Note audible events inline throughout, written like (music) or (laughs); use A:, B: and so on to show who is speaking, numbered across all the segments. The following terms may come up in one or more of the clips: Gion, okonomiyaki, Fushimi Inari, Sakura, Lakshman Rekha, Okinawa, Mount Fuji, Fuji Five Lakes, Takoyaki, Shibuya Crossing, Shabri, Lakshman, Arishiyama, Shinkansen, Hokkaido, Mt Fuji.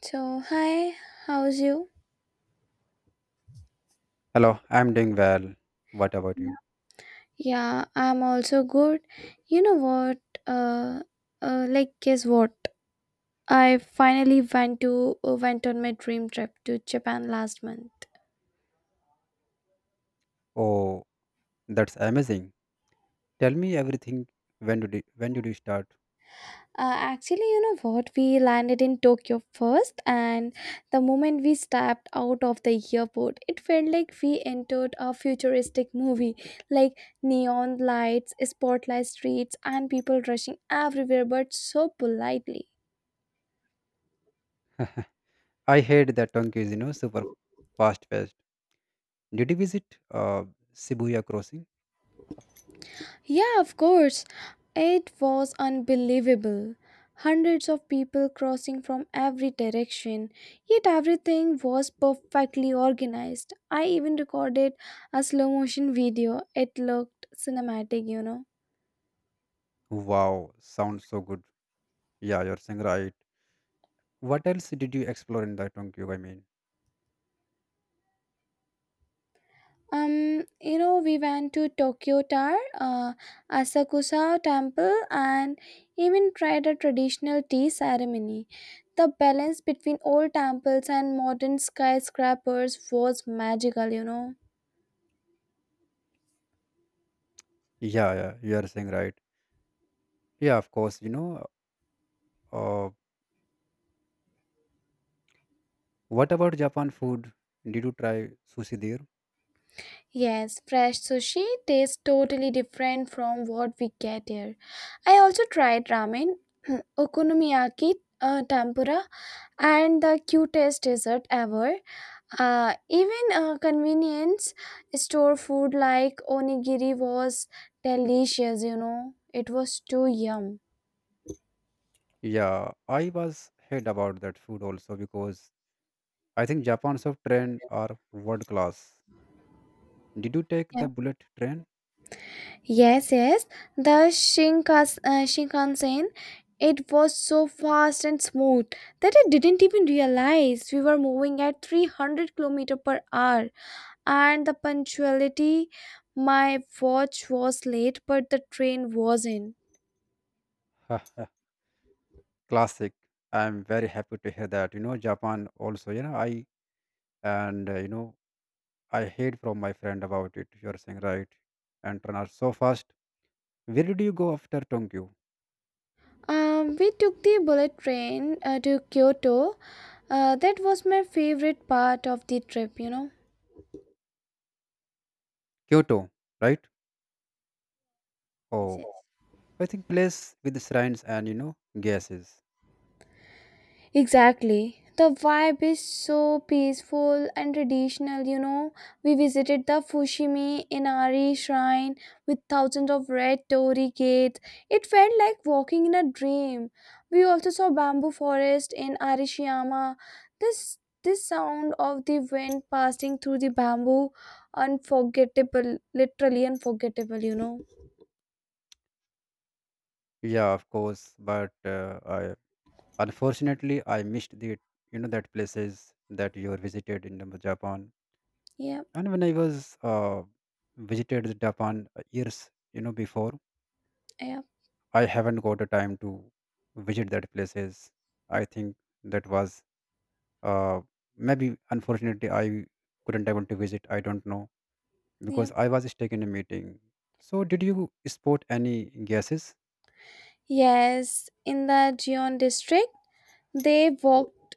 A: So, hi, how's you?
B: Hello, I'm doing well. What about
A: Yeah.
B: you?
A: Yeah, I'm also good. You know what? Uh, Guess what? I finally went to went on my dream trip to Japan last month.
B: Oh, that's amazing. Tell me everything. When did you start?
A: Actually, you know what? We landed in Tokyo first, and the moment we stepped out of the airport, it felt like we entered a futuristic movie, like neon lights, spotlight streets, and people rushing everywhere, but so politely.
B: I heard that Tokyo is super fast paced. Did you visit Shibuya Crossing?
A: Yeah, of course. It was unbelievable. Hundreds of people crossing from every direction, yet everything was perfectly organized. I even recorded a slow motion video. It looked cinematic.
B: Wow, sounds so good. Yeah, you're saying right. What else did you explore in the Tokyo? I mean,
A: You know, we went to Tokyo Tower, Asakusa Temple, and even tried a traditional tea ceremony. The balance between old temples and modern skyscrapers was magical.
B: yeah, yeah, you're saying right. Yeah, of course. You know, uh, what about Japan food? Did you try sushi there?
A: Yes, fresh sushi tastes totally different from what we get here. I also tried ramen, (clears throat) okonomiyaki, tempura, and the cutest dessert ever. Even convenience store food like onigiri was delicious. It was too yum.
B: Yeah, I was heard about that food also because I think Japan's of train are world class. Did you take the bullet train?
A: Yes, yes, the Shinkansen. It was so fast and smooth that I didn't even realize we were moving at 300 kilometer per hour. And the punctuality, my watch was late, but the train wasn't.
B: (laughs) Classic. I'm very happy to hear that. You know, Japan also. You know, I and I heard from my friend about it. You're saying right, and train are so fast. Where did you go after Tokyo?
A: We took the bullet train to Kyoto. That was my favorite part of the trip.
B: Kyoto, right?
A: Yes, yes.
B: Oh, I think place with the shrines and gases.
A: Exactly. The vibe is so peaceful and traditional. We visited the Fushimi Inari shrine with thousands of red torii gates. It felt like walking in a dream. We also saw bamboo forest in Arishiyama. This this sound of the wind passing through the bamboo unforgettable, literally unforgettable.
B: Yeah, of course. But I unfortunately I missed the that places that you visited in the Japan.
A: Yep,
B: And when I was visited the Japan years, before,
A: yep,
B: I haven't got the time to visit that places. I think that was uh, maybe unfortunately I couldn't able to visit. I don't know
A: yep.
B: because I was stuck in a meeting. So did you spot any guesses?
A: Yes, in the Gion district, they walked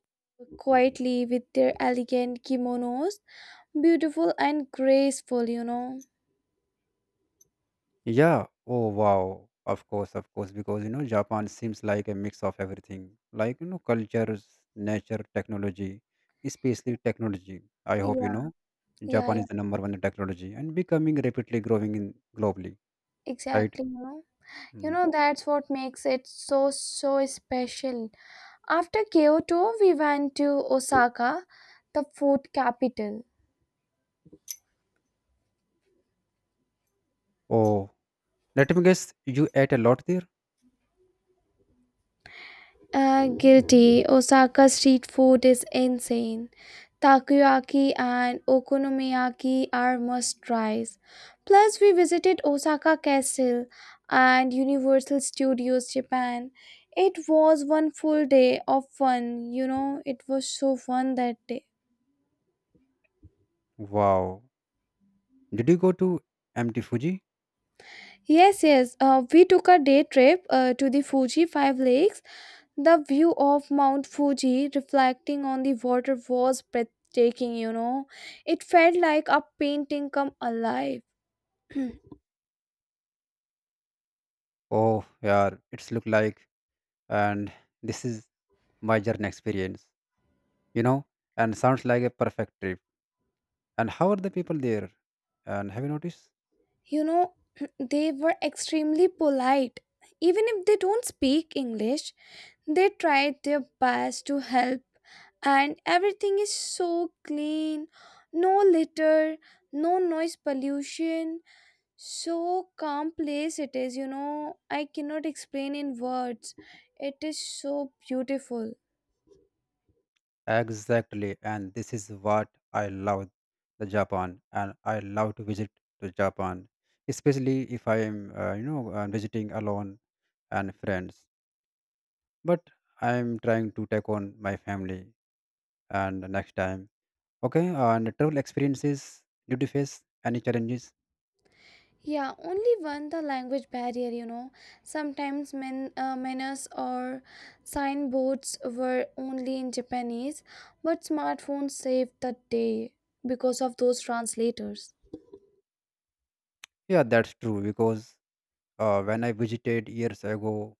A: quietly with their elegant kimonos, beautiful and graceful.
B: Yeah. Oh, wow. Of course, of course. Because, Japan seems like a mix of everything like, cultures, nature, technology, especially technology. I hope you
A: Yeah,
B: know
A: yeah,
B: Japan is
A: yeah,
B: the number one in technology and becoming rapidly growing in globally, right?
A: exactly, You
B: Mm.
A: know, that's what makes it so, so special. After Kyoto, we went to Osaka, the food capital.
B: Oh, let me guess, you ate a lot there?
A: Guilty. Osaka street food is insane. Takoyaki and okonomiyaki are must tries. Plus, we visited Osaka Castle and Universal Studios Japan. It was one full day of fun. You know, it was so fun that day.
B: Wow. Did you go to Mt. Fuji?
A: Yes, yes. We took a day trip to the Fuji Five Lakes. The view of Mount Fuji reflecting on the water was breathtaking. It felt like a painting come alive.
B: Oh, yeah, it's look like, and this is my journey experience, you know, and sounds like a perfect trip. And how are the people there? And have you noticed?
A: You know, (clears throat) they were extremely polite. Even if they don't speak English, they tried their best to help. And everything is so clean no litter, no noise pollution so calm place it is. I cannot explain in words. It is so beautiful.
B: Exactly. And this is what I love the Japan. And I love to visit to Japan, especially if I am, visiting alone and friends. But I'm trying to take on my family and the next time. Okay. And travel experiences, did you face any challenges?
A: Yeah, only one the language barrier. Sometimes menus or signboards were only in Japanese, but smartphones saved the day because of those translators.
B: Yeah, that's true. Because when I visited years ago,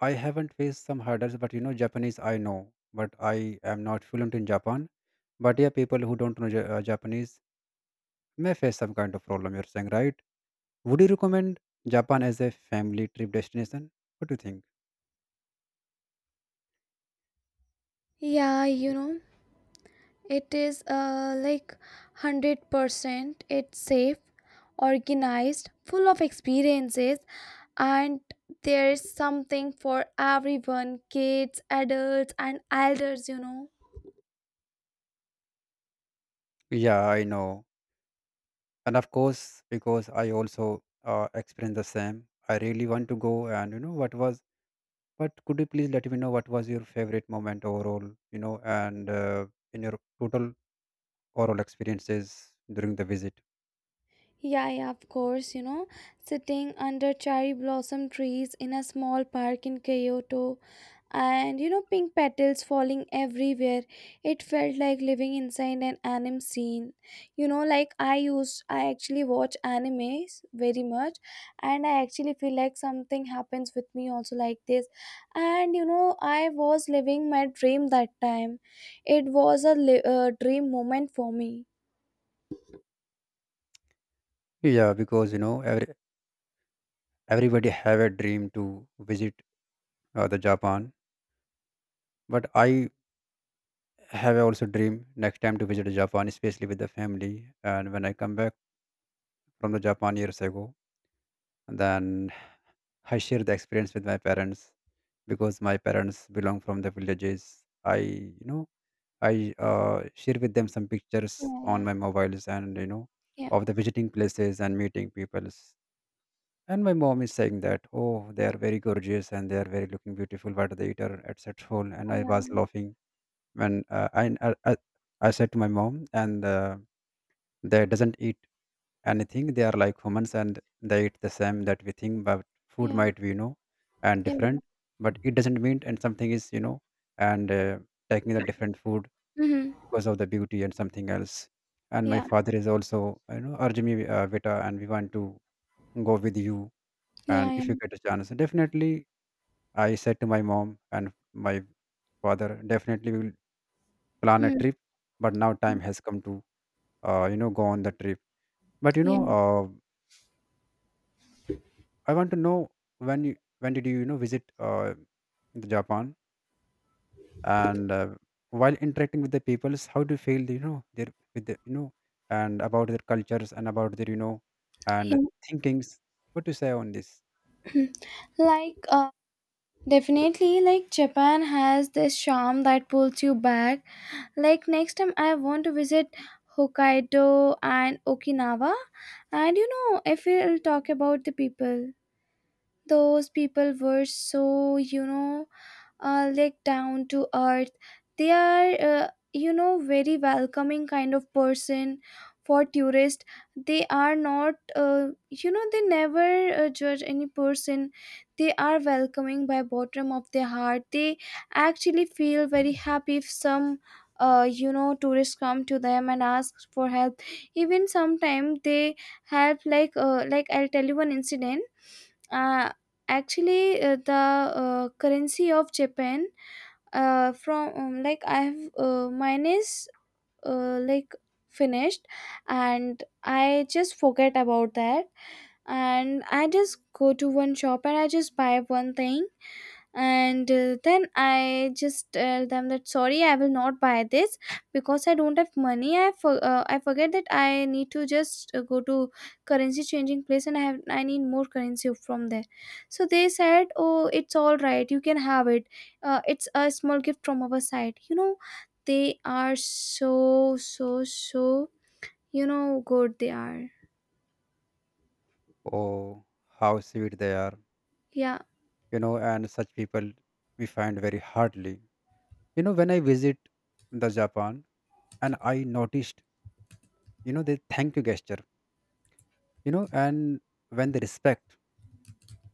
B: I haven't faced some hurdles, but Japanese I know, but I am not fluent in Japan. But yeah, people who don't know Japanese may face some kind of problem. You're saying, right? Would you recommend Japan as a family trip destination? What do you think?
A: Yeah, It is like 100% it's safe, organized, full of experiences, and there is something for everyone kids, adults, and elders.
B: Yeah, I know, and of course, because I also experienced the same. I really want to go, and you know what was. But could you please let me know what was your favorite moment overall? And in your total overall experiences during the visit.
A: Yeah, yeah, of course, sitting under cherry blossom trees in a small park in Kyoto and pink petals falling everywhere. It felt like living inside an anime scene. You know like i used I actually watch animes very much, and I actually feel like something happens with me also like this. And you know, I was living my dream that time. It was a dream moment for me.
B: Yeah, because everybody have a dream to visit the japan. But I have also dream next time to visit japan, especially with the family. And when I come back from the japan years ago, then I share the experience with my parents, because my parents belong from the villages. I you know i uh, share with them some pictures on
A: Yeah,
B: my mobiles, and
A: yeah,
B: of the visiting places and meeting peoples. And my mom is saying that, oh, they are very gorgeous and they are very looking beautiful. What do they eat are at such whole. And I was
A: yeah,
B: laughing when I said to my mom, and they doesn't eat anything. They are like humans and they eat the same that we think. But food
A: yeah,
B: might be and
A: yeah, yeah.
B: different, but it doesn't mean and something is and taking the different food
A: Mm-hmm.
B: because of the beauty and something else. And my
A: Yeah,
B: father is also urging me, Vita, and we want to go with you,
A: yeah,
B: and
A: yeah.
B: if you get a chance definitely. I said to my mom and my father, definitely we will plan a
A: Hmm.
B: trip. But now time has come to go on the trip. But
A: Yeah,
B: I want to know when you when did you you know visit the japan. And while interacting with the peoples, how do you feel, their with the, and about their cultures, and about their, and
A: yeah.
B: thinkings? What do you say on this?
A: (clears throat) like uh, Definitely, like Japan has this charm that pulls you back. Like next time I want to visit Hokkaido and Okinawa. And you know, if we'll talk about the people, those people were so, like down to earth. They are, very welcoming kind of person for tourist. They are not, they never judge any person. They are welcoming by bottom of their heart. They actually feel very happy if some. Tourists come to them and ask for help, even sometimes they help like I'll tell you one incident. Uh, actually The currency of Japan, from like I have mine is like finished, and I just forget about that. And I just go to one shop and I just buy one thing, and then I just tell them that sorry I will not buy this because I don't have money. I for, I forget that I need to just go to currency changing place and I need more currency from there. So they said oh it's all right, you can have it. It's a small gift from our side, you know. They are so, so, so, you know, good they are.
B: Oh, how sweet they are.
A: Yeah,
B: And such people we find very hardly. When I visit the japan, and I noticed, the thank you gesture, and when they respect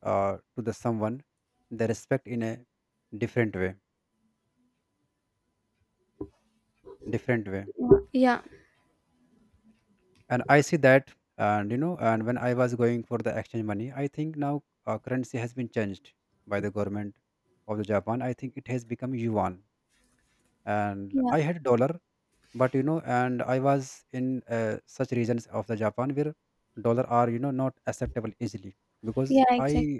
B: to the someone, they respect in a different way, different way.
A: yeah,
B: And I see that. And and when I was going for the exchange money, I think now currency has been changed by the government of the japan. I think it has become yuan, and
A: yeah,
B: I had dollar. But and I was in such regions of the japan where dollar are not acceptable easily, because
A: yeah,
B: I
A: exactly,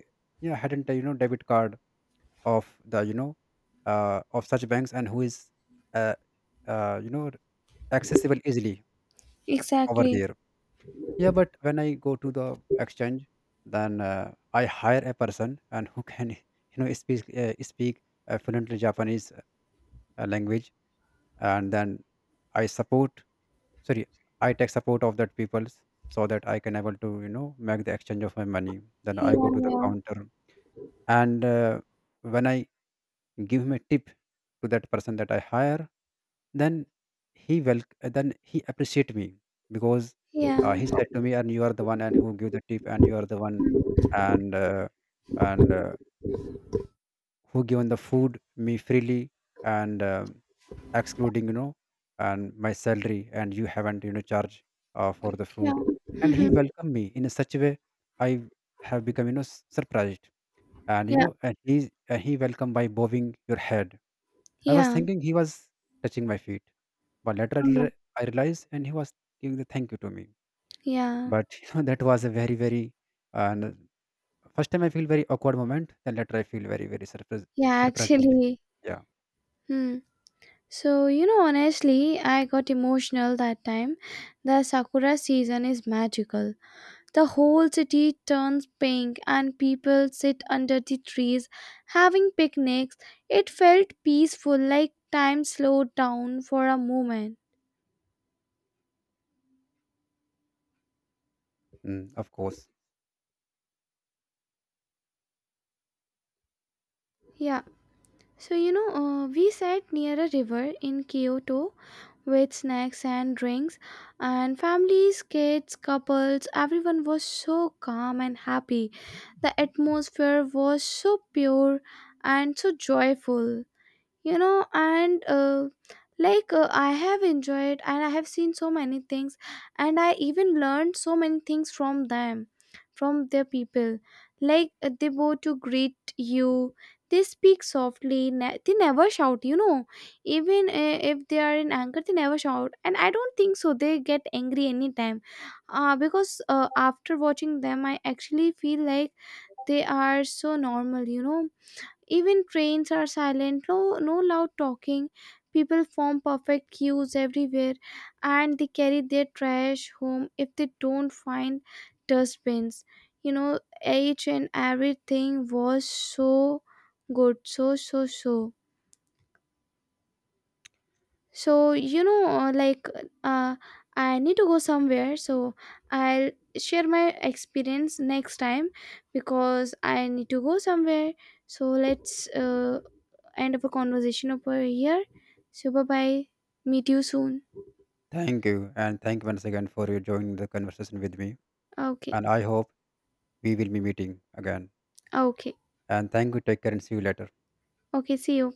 B: yeah hadn't a, debit card of the, of such banks and who is uh, uh, you know accessible easily over
A: exactly,
B: there. Yeah, but when I go to the exchange, then I hire a person and who can (laughs) speak fluently japanese language, and then I support, sorry, I take support of that people, so that I can able to make the exchange of my money, then
A: yeah,
B: I go to the
A: yeah,
B: counter. And when I give him a tip to that person that I hire, then he will then he appreciate me. Because
A: yeah,
B: he said to me, and you are the one and who give the tip, and you are the one and uh, and who given the food me freely, and excluding and my salary, and you haven't charge for the food.
A: yeah.
B: And he
A: (laughs)
B: welcomed me in such a way. I have become surprised, and
A: Yeah,
B: and he welcomed by bowing your head. I was
A: yeah,
B: thinking he was touching my feet, but later I
A: oh,
B: reali- I realized and he was giving the thank you to me.
A: yeah,
B: But (laughs) that was a very very and first time I feel very awkward moment, then later I feel very very
A: yeah,
B: surprisingly.
A: actually.
B: Yeah.
A: Hmm. So, you know, honestly, I got emotional that time. The Sakura season is magical. The whole city turns pink and people sit under the trees having picnics. It felt peaceful, like time slowed down for a moment.
B: Mm, of course.
A: Yeah. So, we sat near a river in Kyoto with snacks and drinks, and families, kids, couples, everyone was so calm and happy. The atmosphere was so pure and so joyful. You know and like I have enjoyed and I have seen so many things, and I even learned so many things from them, from their people. They go to greet you, they speak softly they never shout, you know. Even if they are in anger they never shout, and I don't think so they get angry anytime. Because After watching them I actually feel like they are so normal, you know. Even trains are silent, no, no loud talking. People form perfect queues everywhere and they carry their trash home if they don't find dustbins. You know, each and everything was so good, so, so, so. So, you know, uh, I need to go somewhere, so I'll share my experience next time because I need to go somewhere. So, let's end up a conversation over here. Super bye. Bye. Meet you soon.
B: Thank you, and thank you once again for you joining the conversation with me.
A: Okay.
B: And I hope we will be meeting again.
A: Okay.
B: And thank you. Take care and see you later.
A: Okay. See you.